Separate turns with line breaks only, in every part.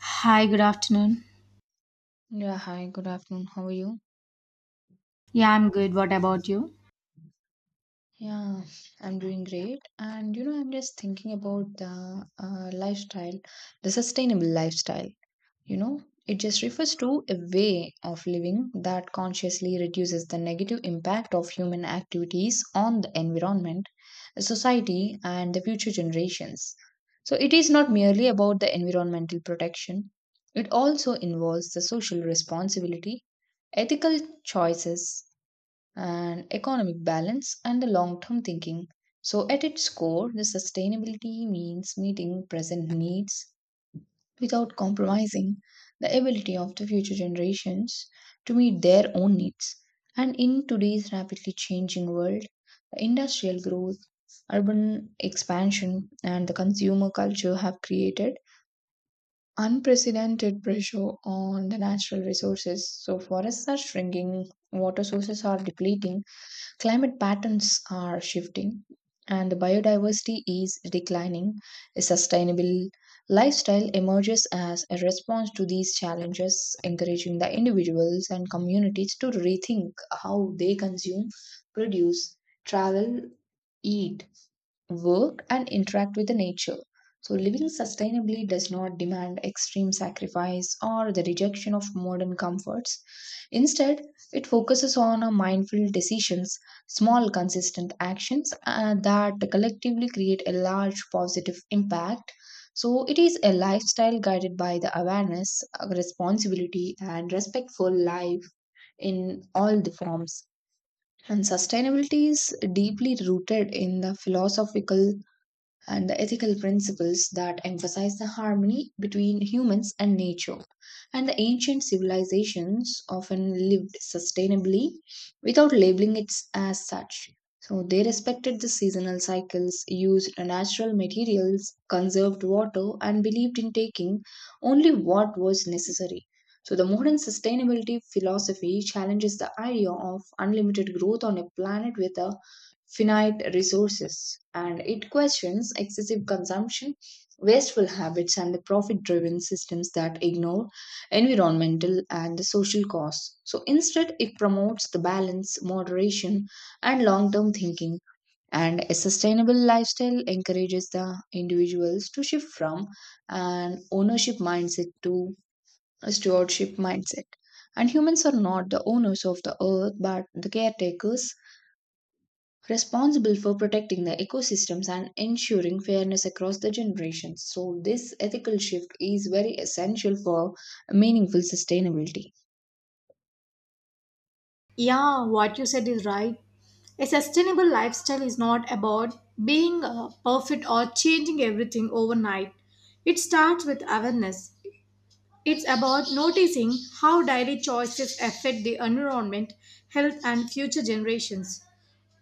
Hi, good afternoon.
Yeah, hi, good afternoon. How are you?
Yeah, I'm good. What about you?
Yeah, I'm doing great. And you know, I'm just thinking about the lifestyle, the sustainable lifestyle. You know, it just refers to a way of living that consciously reduces the negative impact of human activities on the environment, the society, and the future generations. So it is not merely about the environmental protection, it also involves the social responsibility, ethical choices and economic balance and the long term thinking. So, at its core, the sustainability means meeting present needs without compromising the ability of the future generations to meet their own needs. And in today's rapidly changing world, the industrial growth, urban expansion, and the consumer culture have created unprecedented pressure on the natural resources. So, forests are shrinking, water sources are depleting. Climate patterns are shifting and biodiversity is declining. A sustainable lifestyle emerges as a response to these challenges, encouraging the individuals and communities to rethink how they consume, produce, travel, eat, work, and interact with the nature. So, living sustainably does not demand extreme sacrifice or the rejection of modern comforts. Instead, it focuses on a mindful decisions, small consistent actions that collectively create a large positive impact. So, it is a lifestyle guided by the awareness, responsibility, and respectful life in all the forms. And sustainability is deeply rooted in the philosophical and the ethical principles that emphasize the harmony between humans and nature. And the ancient civilizations often lived sustainably without labeling it as such. So they respected the seasonal cycles, used natural materials, conserved water, and believed in taking only what was necessary. So the modern sustainability philosophy challenges the idea of unlimited growth on a planet with a finite resources, and it questions excessive consumption, wasteful habits, and the profit driven systems that ignore environmental and the social costs. So instead, it promotes the balance, moderation, and long term thinking. And a sustainable lifestyle encourages the individuals to shift from an ownership mindset to a stewardship mindset. And humans are not the owners of the earth but the caretakers responsible for protecting the ecosystems and ensuring fairness across the generations. So, this ethical shift is very essential for meaningful sustainability.
Yeah, what you said is right. A sustainable lifestyle is not about being perfect or changing everything overnight. It starts with awareness. It's about noticing how daily choices affect the environment, health, and future generations.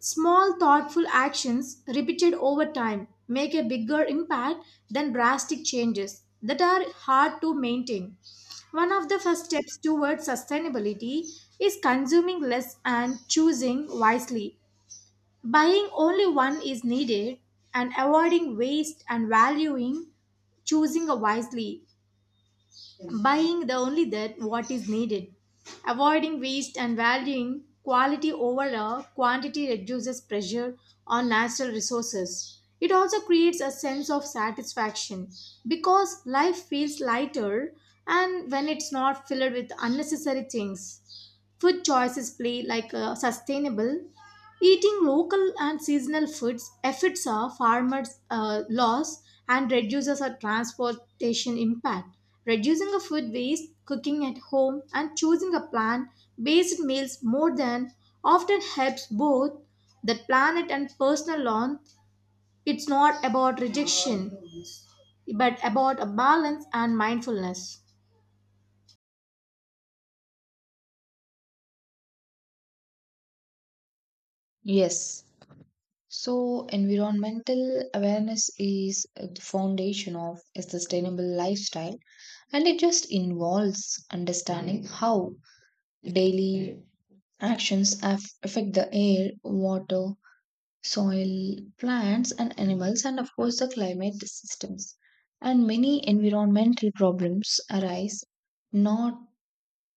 Small, thoughtful actions repeated over time make a bigger impact than drastic changes that are hard to maintain. One of the first steps towards sustainability is consuming less and choosing wisely. Buying only one is needed and avoiding waste and valuing choosing wisely. Yes, buying the only that what is needed, avoiding waste and valuing quality over a quantity reduces pressure on natural resources. It also creates a sense of satisfaction because life feels lighter and when it's not filled with unnecessary things. Food choices play like a sustainable. Eating local and seasonal foods affects our farmers' loss and reduces our transportation impact. Reducing a food waste, cooking at home, and choosing a plant-based meals more than often helps both the planet and personal on. It's not about rejection, but about a balance and mindfulness.
Yes. So, environmental awareness is the foundation of a sustainable lifestyle, and it just involves understanding how daily actions affect the air, water, soil, plants, and animals, and of course, the climate systems. And many environmental problems arise not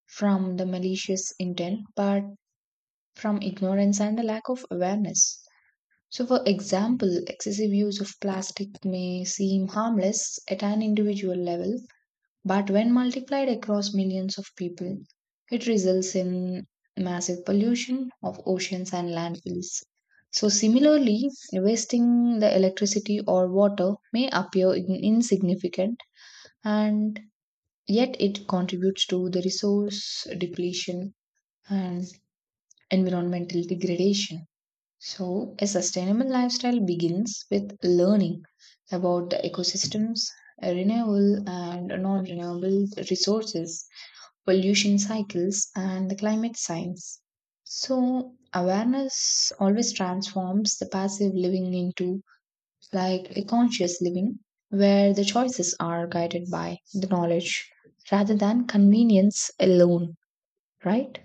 from the malicious intent but from ignorance and a lack of awareness. So, for example, excessive use of plastic may seem harmless at an individual level, but when multiplied across millions of people, it results in massive pollution of oceans and landfills. So, similarly, wasting the electricity or water may appear insignificant, and yet it contributes to the resource depletion and environmental degradation. So, a sustainable lifestyle begins with learning about the ecosystems, renewable and non renewable resources pollution cycles, and the climate science. So, awareness always transforms the passive living into like a conscious living where the choices are guided by the knowledge rather than convenience alone, right?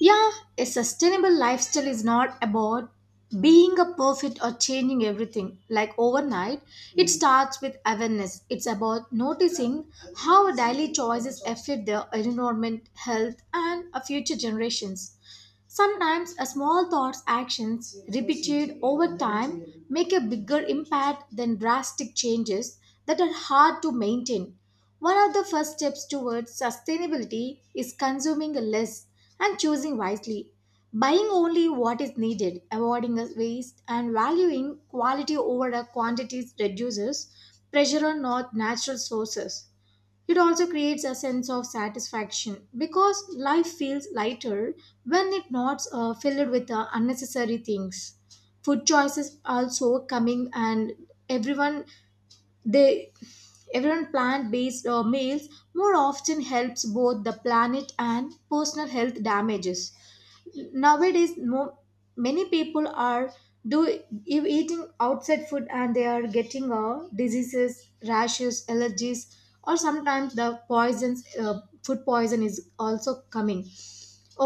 Yeah, a sustainable lifestyle is not about being a perfect or changing everything like overnight. It starts with awareness. It's about noticing how our daily choices affect the environment, health, and our future generations. Sometimes a small thought's actions repeated over time make a bigger impact than drastic changes that are hard to maintain. One of the first steps towards sustainability is consuming less and choosing wisely. Buying only what is needed, avoiding waste, and valuing quality over the quantities reduces pressure on not natural sources. It also creates a sense of satisfaction because life feels lighter when it's not filled with unnecessary things. Food choices also coming and everyone they everyone plant based meals more often helps both the planet and personal health damages nowadays many people are do if eating outside food and they are getting diseases, rashes, allergies or sometimes the poisons. Food poison is also coming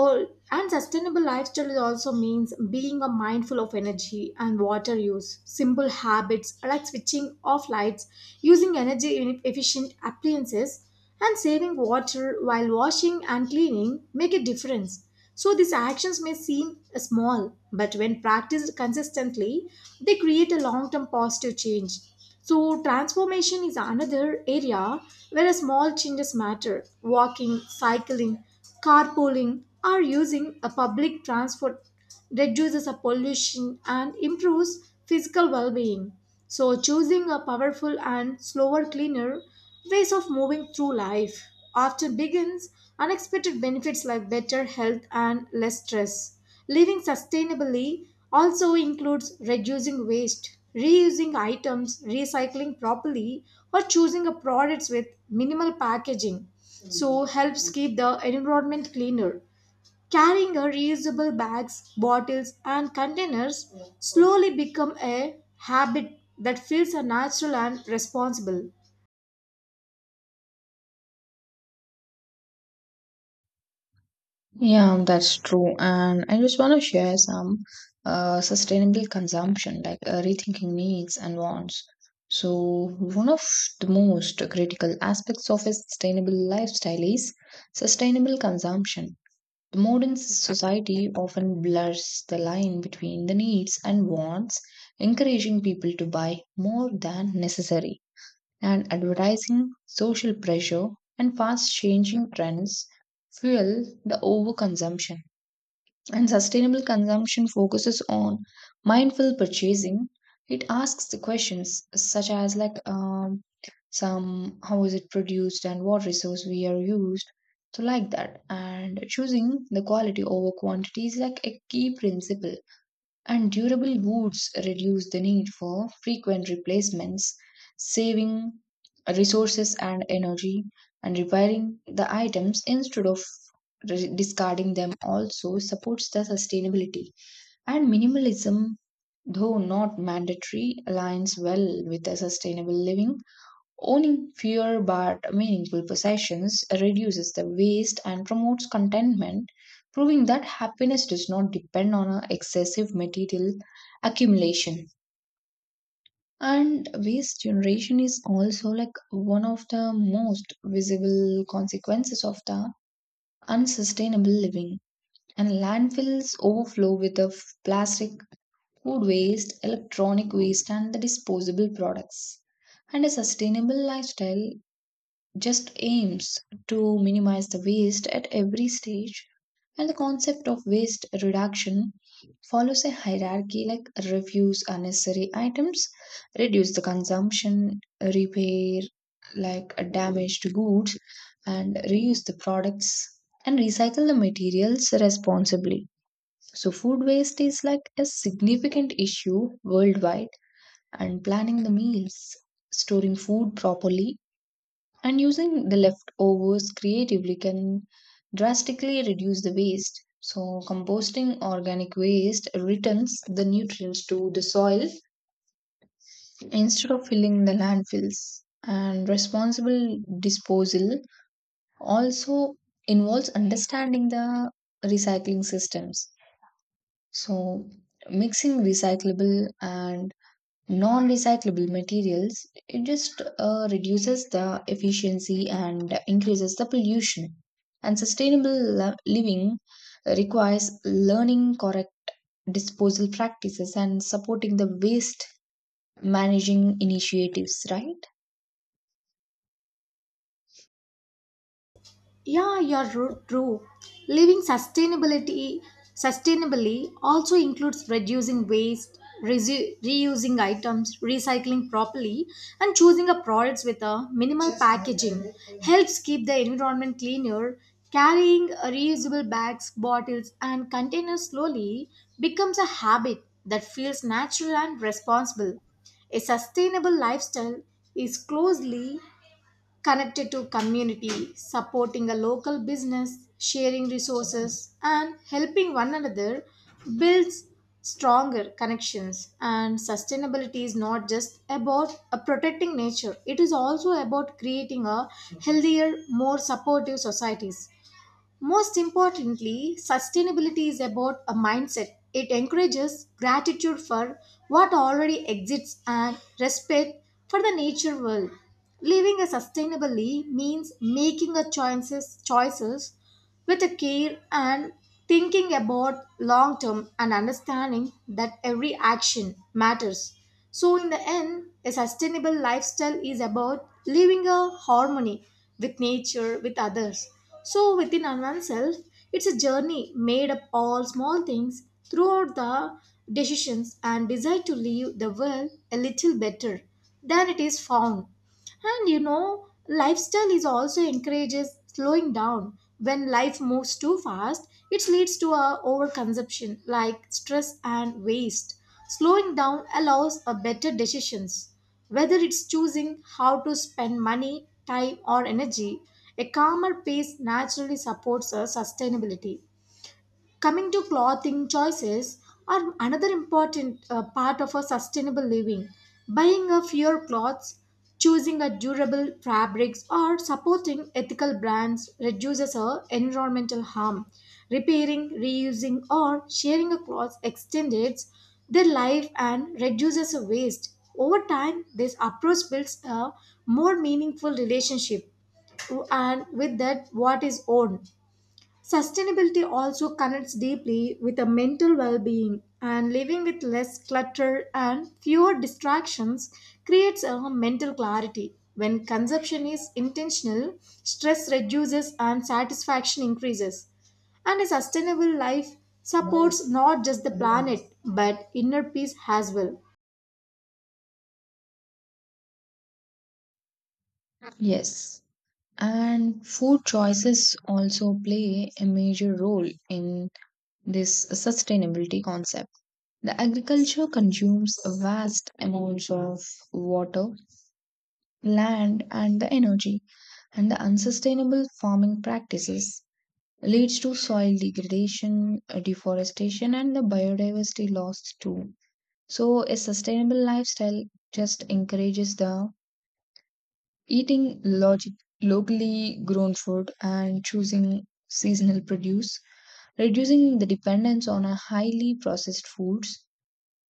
or, and sustainable lifestyle is also means being a mindful of energy and water use, simple habits like switching off lights, using energy efficient appliances, and saving water while washing and cleaning make a difference. So these actions may seem small, but when practiced consistently, they create a long-term positive change. So transformation is another area where small changes matter. Walking, cycling, carpooling, or using a public transport reduces the pollution and improves physical well-being. So choosing a powerful and slower cleaner ways of moving through life often begins unexpected benefits like better health and less stress. Living sustainably also includes reducing waste, reusing items, recycling properly, or choosing a products with minimal packaging so helps keep the environment cleaner. Carrying a reusable bags, bottles, and containers slowly become a habit that feels a natural and responsible.
Yeah, that's true. And I just want to share some sustainable consumption, like rethinking needs and wants. So, one of the most critical aspects of a sustainable lifestyle is sustainable consumption. The modern society often blurs the line between the needs and wants, encouraging people to buy more than necessary and advertising, social pressure, and fast changing trends fuel the overconsumption. And sustainable consumption focuses on mindful purchasing. It asks the questions such as like some how is it produced and what resource we are used. So like that, and choosing the quality over quantity is like a key principle and durable woods reduce the need for frequent replacements, saving resources and energy, and repairing the items instead of discarding them also supports the sustainability. And minimalism, though not mandatory, aligns well with the sustainable living. Owning fewer but meaningful possessions reduces the waste and promotes contentment, proving that happiness does not depend on a excessive material accumulation. And waste generation is also like one of the most visible consequences of the unsustainable living. And landfills overflow with the plastic, food waste, electronic waste, and the disposable products. And a sustainable lifestyle just aims to minimize the waste at every stage and the concept of waste reduction follows a hierarchy like refuse unnecessary items, reduce the consumption, repair like damaged goods, and reuse the products and recycle the materials responsibly. So food waste is like a significant issue worldwide and planning the meals, storing food properly, and using the leftovers creatively can drastically reduce the waste. So, composting organic waste returns the nutrients to the soil instead of filling the landfills. And responsible disposal also involves understanding the recycling systems. So, mixing recyclable and non-recyclable materials it just reduces the efficiency and increases the pollution and sustainable living requires learning correct disposal practices and supporting the waste managing initiatives, right?
Yeah, true. Living sustainability sustainably also includes reducing waste, reusing items, recycling properly, and choosing a products with a minimal packaging helps keep the environment cleaner. Carrying reusable bags, bottles, and containers slowly becomes a habit that feels natural and responsible. A sustainable lifestyle is closely connected to community, supporting a local business, sharing resources, and helping one another builds stronger connections. And sustainability is not just about protecting nature, it is also about creating a healthier, more supportive societies. Most importantly, sustainability is about a mindset. It encourages gratitude for what already exists and respect for the nature world. Living a sustainably means making a choices with a care and thinking about long term and understanding that every action matters. So in the end, a sustainable lifestyle is about living a harmony with nature, with others so, within oneself, it's a journey made up all small things throughout the decisions and desire to leave the world a little better than it is found. And you know, lifestyle is also encourages slowing down. When life moves too fast, it leads to a overconsumption like stress and waste. Slowing down allows a better decisions. Whether it's choosing how to spend money, time or energy, a calmer pace naturally supports a sustainability. Coming to clothing choices are another important part of a sustainable living. Buying a fewer clothes, choosing a durable fabrics or supporting ethical brands reduces our environmental harm. Repairing, reusing or sharing a cloth extends their life and reduces a waste. Over time, this approach builds a more meaningful relationship and with that what is owned. Sustainability also connects deeply with a mental well being, and living with less clutter and fewer distractions creates a mental clarity. When consumption is intentional, stress reduces and satisfaction increases. And a sustainable life supports not just the planet but inner peace as well.
Yes. And food choices also play a major role in this sustainability concept. The agriculture consumes vast amounts of water, land and the energy, and the unsustainable farming practices leads to soil degradation, deforestation and the biodiversity loss too. So a sustainable lifestyle just encourages the eating logic, locally grown food and choosing seasonal produce, reducing the dependence on a highly processed foods,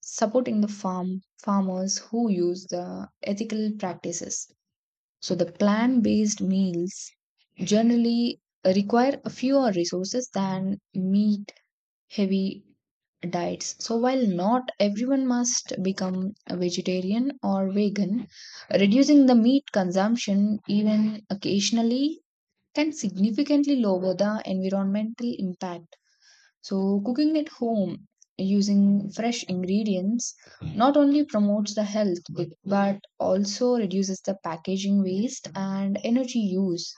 supporting the farmers who use the ethical practices. So the plant-based meals generally require fewer resources than meat-heavy diets. So while not everyone must become a vegetarian or vegan, reducing the meat consumption even occasionally can significantly lower the environmental impact. So, cooking at home using fresh ingredients not only promotes the health but also reduces the packaging waste and energy use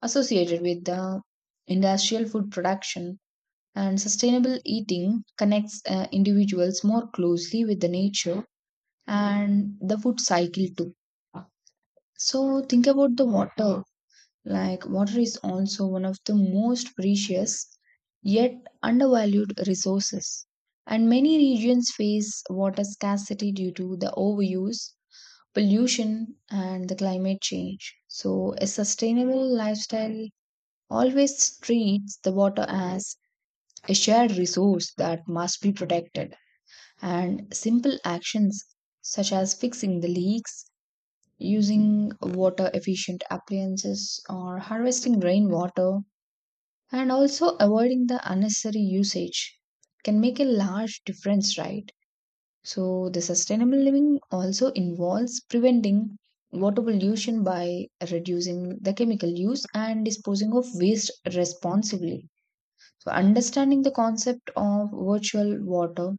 associated with the industrial food production. And sustainable eating connects individuals more closely with the nature and the food cycle too. So, think about the water. Like, water is also one of the most precious yet undervalued resources. And many regions face water scarcity due to the overuse, pollution, and the climate change. So, a sustainable lifestyle always treats the water as a shared resource that must be protected. And simple actions such as fixing the leaks, using water efficient appliances, or harvesting rainwater and also avoiding the unnecessary usage can make a large difference, right? So the sustainable living also involves preventing water pollution by reducing the chemical use and disposing of waste responsibly. So understanding the concept of virtual water,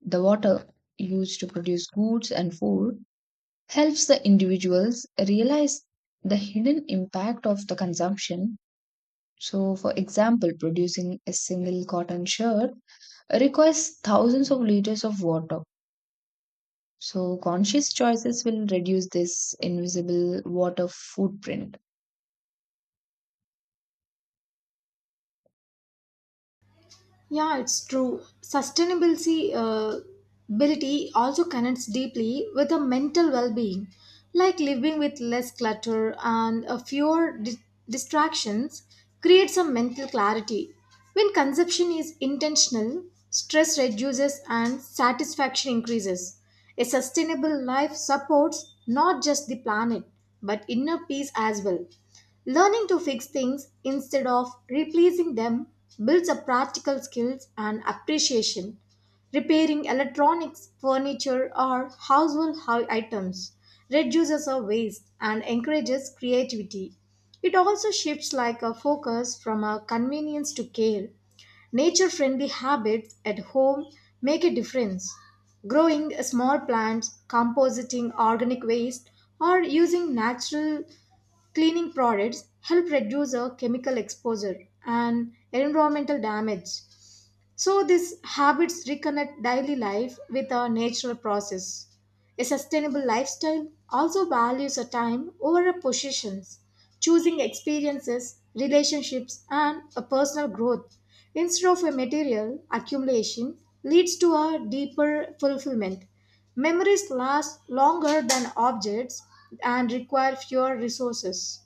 the water used to produce goods and food, helps the individuals realize the hidden impact of the consumption. So, for example, producing a single cotton shirt requires thousands of liters of water. So, conscious choices will reduce this invisible water footprint.
Yeah, it's true. Sustainability Ability also connects deeply with a mental well-being, like living with less clutter and a distractions creates a mental clarity. When consumption is intentional, stress reduces and satisfaction increases. A sustainable life supports not just the planet but inner peace as well. Learning to fix things instead of replacing them builds up practical skills and appreciation. Repairing electronics, furniture, or items reduces our waste and encourages creativity. It also shifts like a focus from a convenience to care. Nature friendly habits at home make a difference. Growing small plants, compositing organic waste, or using natural cleaning products help reduce our chemical exposure and environmental damage. So these habits reconnect daily life with our natural process. A sustainable lifestyle also values a time over a possessions, choosing experiences, relationships, and a personal growth instead of a material accumulation leads to a deeper fulfillment. Memories last longer than objects and require fewer resources.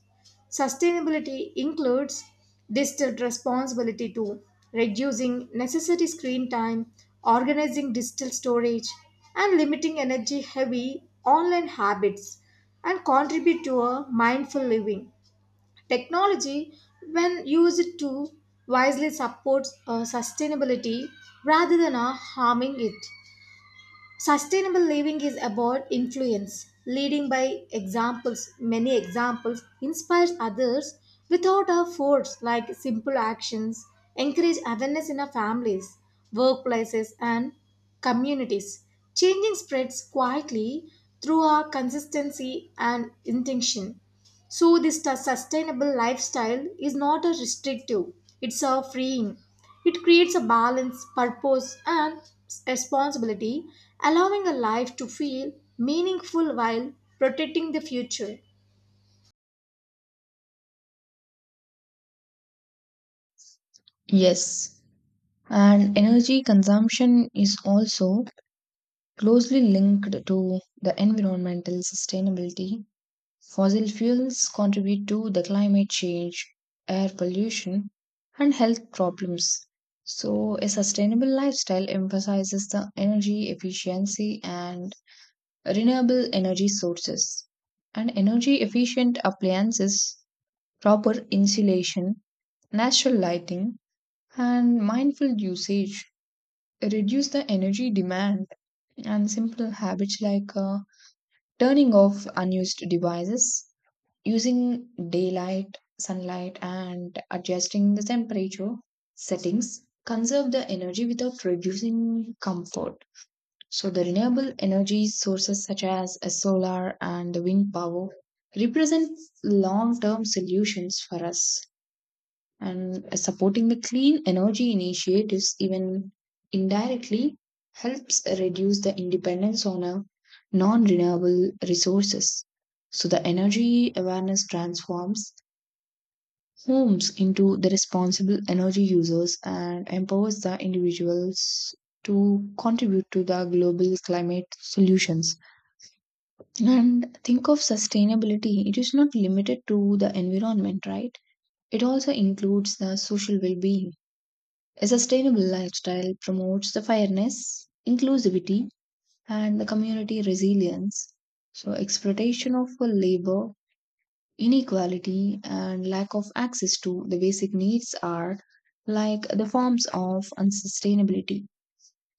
Sustainability includes digital responsibility too, reducing necessary screen time, organizing digital storage, and limiting energy heavy online habits, and contribute to a mindful living. Technology, when used to wisely, supports sustainability rather than harming it. Sustainable living is about influence, leading by examples. Many examples inspires others without a force, like simple actions, encourage awareness in our families, workplaces, and communities. Changing spreads quietly through our consistency and intention. So, this sustainable lifestyle is not a restrictive, it's a freeing. It creates a balance, purpose, and responsibility, allowing a life to feel meaningful while protecting the future.
Yes. And energy consumption is also closely linked to the environmental sustainability. Fossil fuels contribute to the climate change, air pollution, and health problems. So, a sustainable lifestyle emphasizes the energy efficiency and renewable energy sources. And energy efficient appliances, proper insulation, natural lighting, and mindful usage reduce the energy demand. And simple habits like turning off unused devices, using daylight, sunlight, and adjusting the temperature settings conserve the energy without reducing comfort. So, the renewable energy sources such as solar and the wind power represent long term solutions for us, and supporting the clean energy initiatives even indirectly helps reduce the dependence on a non-renewable resources. So the energy awareness transforms homes into the responsible energy users and empowers the individuals to contribute to the global climate solutions. And think of sustainability, it is not limited to the environment, right? It also includes the social well-being. A sustainable lifestyle promotes the fairness, inclusivity, and the community resilience. So, exploitation of labor, inequality, and lack of access to the basic needs are like the forms of unsustainability.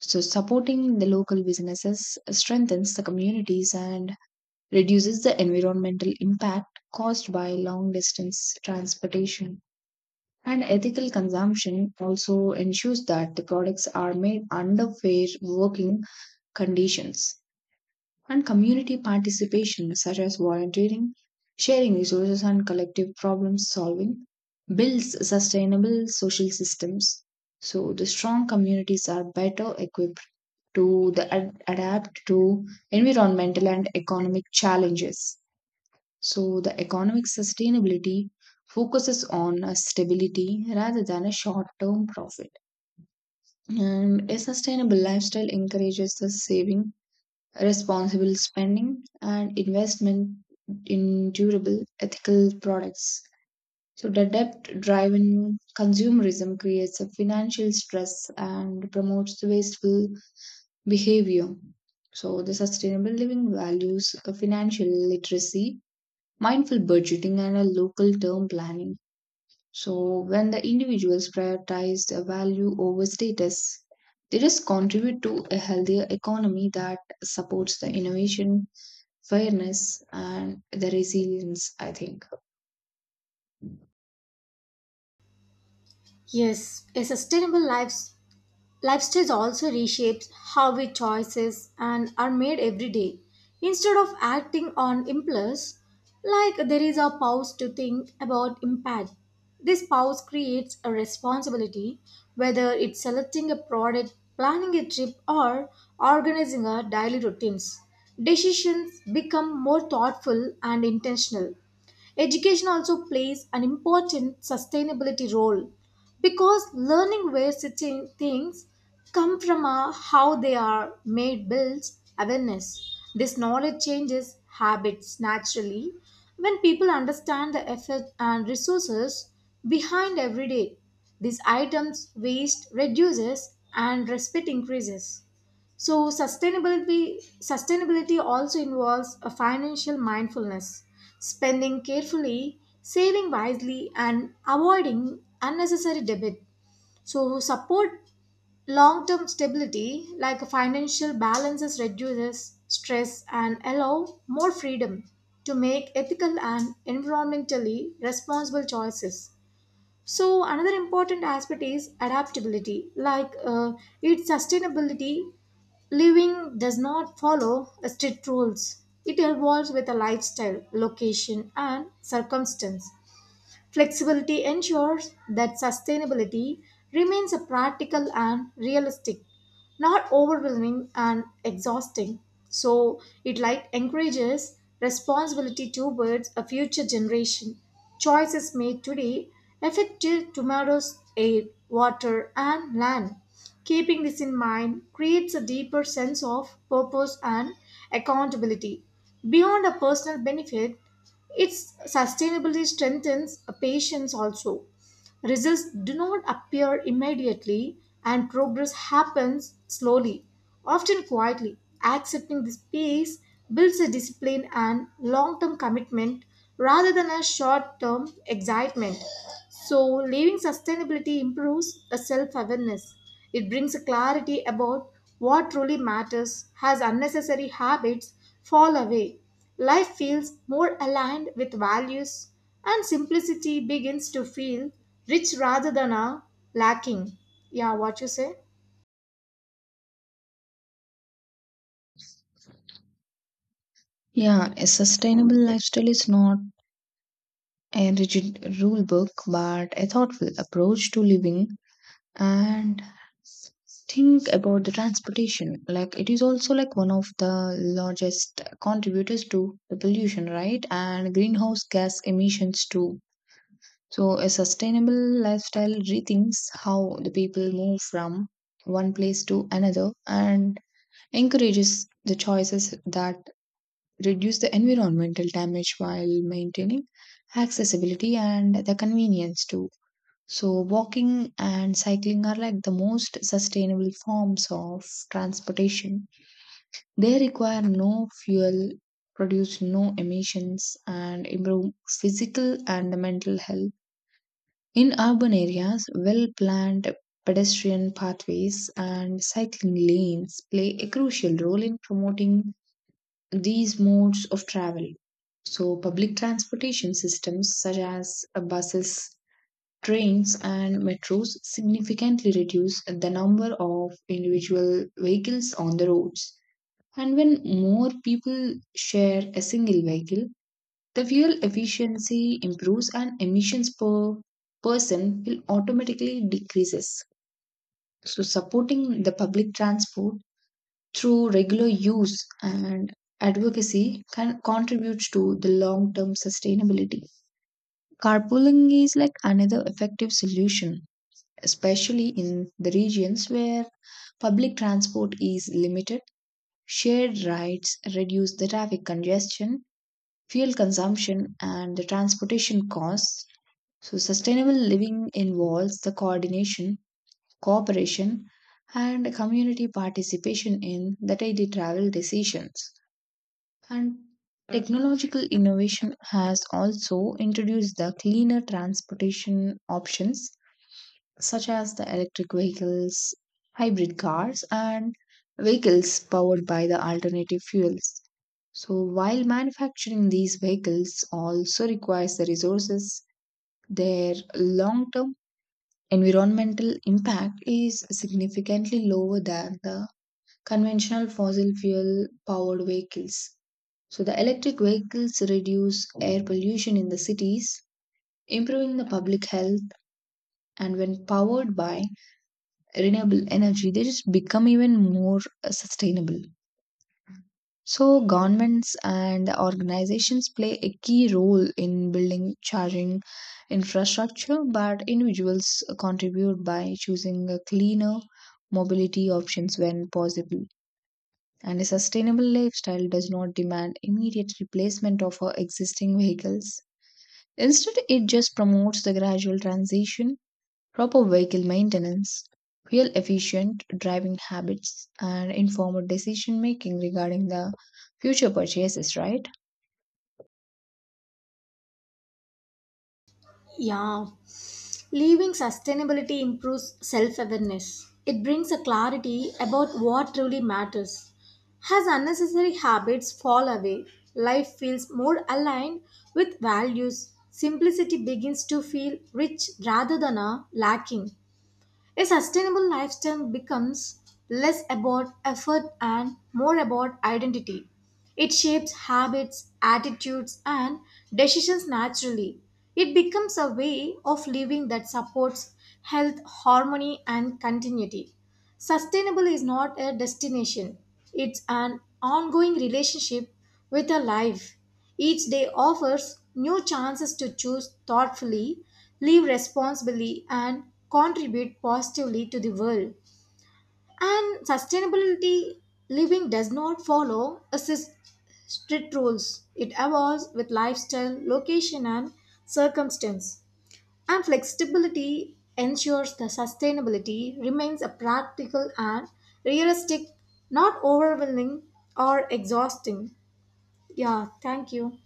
So, supporting the local businesses strengthens the communities and reduces the environmental impact caused by long distance transportation. And ethical consumption also ensures that the products are made under fair working conditions. And community participation, such as volunteering, sharing resources, and collective problem solving, builds sustainable social systems. So, the strong communities are better equipped to adapt to environmental and economic challenges. So the economic sustainability focuses on a stability rather than a short-term profit. And a sustainable lifestyle encourages the saving, responsible spending, and investment in durable, ethical products. So the debt-driven consumerism creates a financial stress and promotes the wasteful behavior. So the sustainable living values a financial literacy, mindful budgeting and a local term planning. So, when the individuals prioritize the value over status, they just contribute to a healthier economy that supports the innovation, fairness, and the resilience, I think.
Yes, a sustainable life Lifestyles also reshapes how we choices and are made every day. Instead of acting on impulse, like there is a pause to think about impact. This pause creates a responsibility, whether it's selecting a product, planning a trip, or organizing our daily routines. Decisions become more thoughtful and intentional. Education also plays an important sustainability role because learning where certain things come from are how they are made builds awareness. This knowledge changes habits naturally when people understand the effort and resources behind every day. These items waste reduces and respect increases. So sustainability also involves a financial mindfulness, spending carefully, saving wisely and avoiding unnecessary debt. So support long-term stability like a financial balances reduces stress and allow more freedom to make ethical and environmentally responsible choices. So, another important aspect is adaptability. Its sustainability, living does not follow strict rules, it evolves with a lifestyle, location, and circumstance. Flexibility ensures that sustainability remains a practical and realistic, not overwhelming and exhausting. So it like encourages responsibility towards a future generation. Choices made today affect till tomorrow's air, water, and land. Keeping this in mind creates a deeper sense of purpose and accountability. Beyond a personal benefit, its sustainability strengthens patience also. Results do not appear immediately and progress happens slowly, often quietly. Accepting this pace builds a discipline and long term commitment rather than a short term excitement. So, living sustainability improves a self awareness. It brings a clarity about what truly matters, has unnecessary habits fall away. Life feels more aligned with values, and simplicity begins to feel rich rather than a lacking. Yeah, what you say?
Yeah, a sustainable lifestyle is not a rigid rule book, but a thoughtful approach to living. And think about the transportation. Like it is also like one of the largest contributors to the pollution, right? And greenhouse gas emissions too. So a sustainable lifestyle rethinks how the people move from one place to another and encourages the choices that reduce the environmental damage while maintaining accessibility and the convenience too. So, walking and cycling are like the most sustainable forms of transportation. They require no fuel, produce no emissions, and improve physical and mental health. In urban areas, well planned pedestrian pathways and cycling lanes play a crucial role in promoting these modes of travel. So, public transportation systems such as buses, trains, and metros significantly reduce the number of individual vehicles on the roads. And when more people share a single vehicle, the fuel efficiency improves and emissions per person will automatically decreases. So, supporting the public transport through regular use and advocacy can contribute to the long-term sustainability. Carpooling is like another effective solution, especially in the regions where public transport is limited. Shared rides reduce the traffic congestion, fuel consumption, and the transportation costs. So, sustainable living involves the coordination, cooperation, and community participation in the daily travel decisions. And technological innovation has also introduced the cleaner transportation options such as the electric vehicles, hybrid cars, and vehicles powered by the alternative fuels. So, while manufacturing these vehicles also requires the resources, their long term environmental impact is significantly lower than the conventional fossil fuel powered vehicles. So the electric vehicles reduce air pollution in the cities, improving the public health, and when powered by renewable energy they just become even more sustainable. So governments and organizations play a key role in building charging infrastructure but individuals contribute by choosing a cleaner mobility options when possible. And a sustainable lifestyle does not demand immediate replacement of our existing vehicles. Instead, it just promotes the gradual transition. Proper vehicle maintenance, fuel efficient driving habits, and informed decision making regarding the future purchases, right?
Yeah, leaving sustainability improves self awareness. It brings a clarity about what truly matters. As unnecessary habits fall away, life feels more aligned with values. Simplicity begins to feel rich rather than a lacking. A sustainable lifestyle becomes less about effort and more about identity. It shapes habits, attitudes, and decisions naturally. It becomes a way of living that supports health, harmony, and continuity. Sustainable is not a destination, it's an ongoing relationship with a life. Each day offers new chances to choose thoughtfully, live responsibly, and contribute positively to the world. And sustainability living does not follow a strict rules, it evolves with lifestyle, location, and circumstance. And flexibility ensures the sustainability remains a practical and realistic, not overwhelming or exhausting. Yeah, thank you.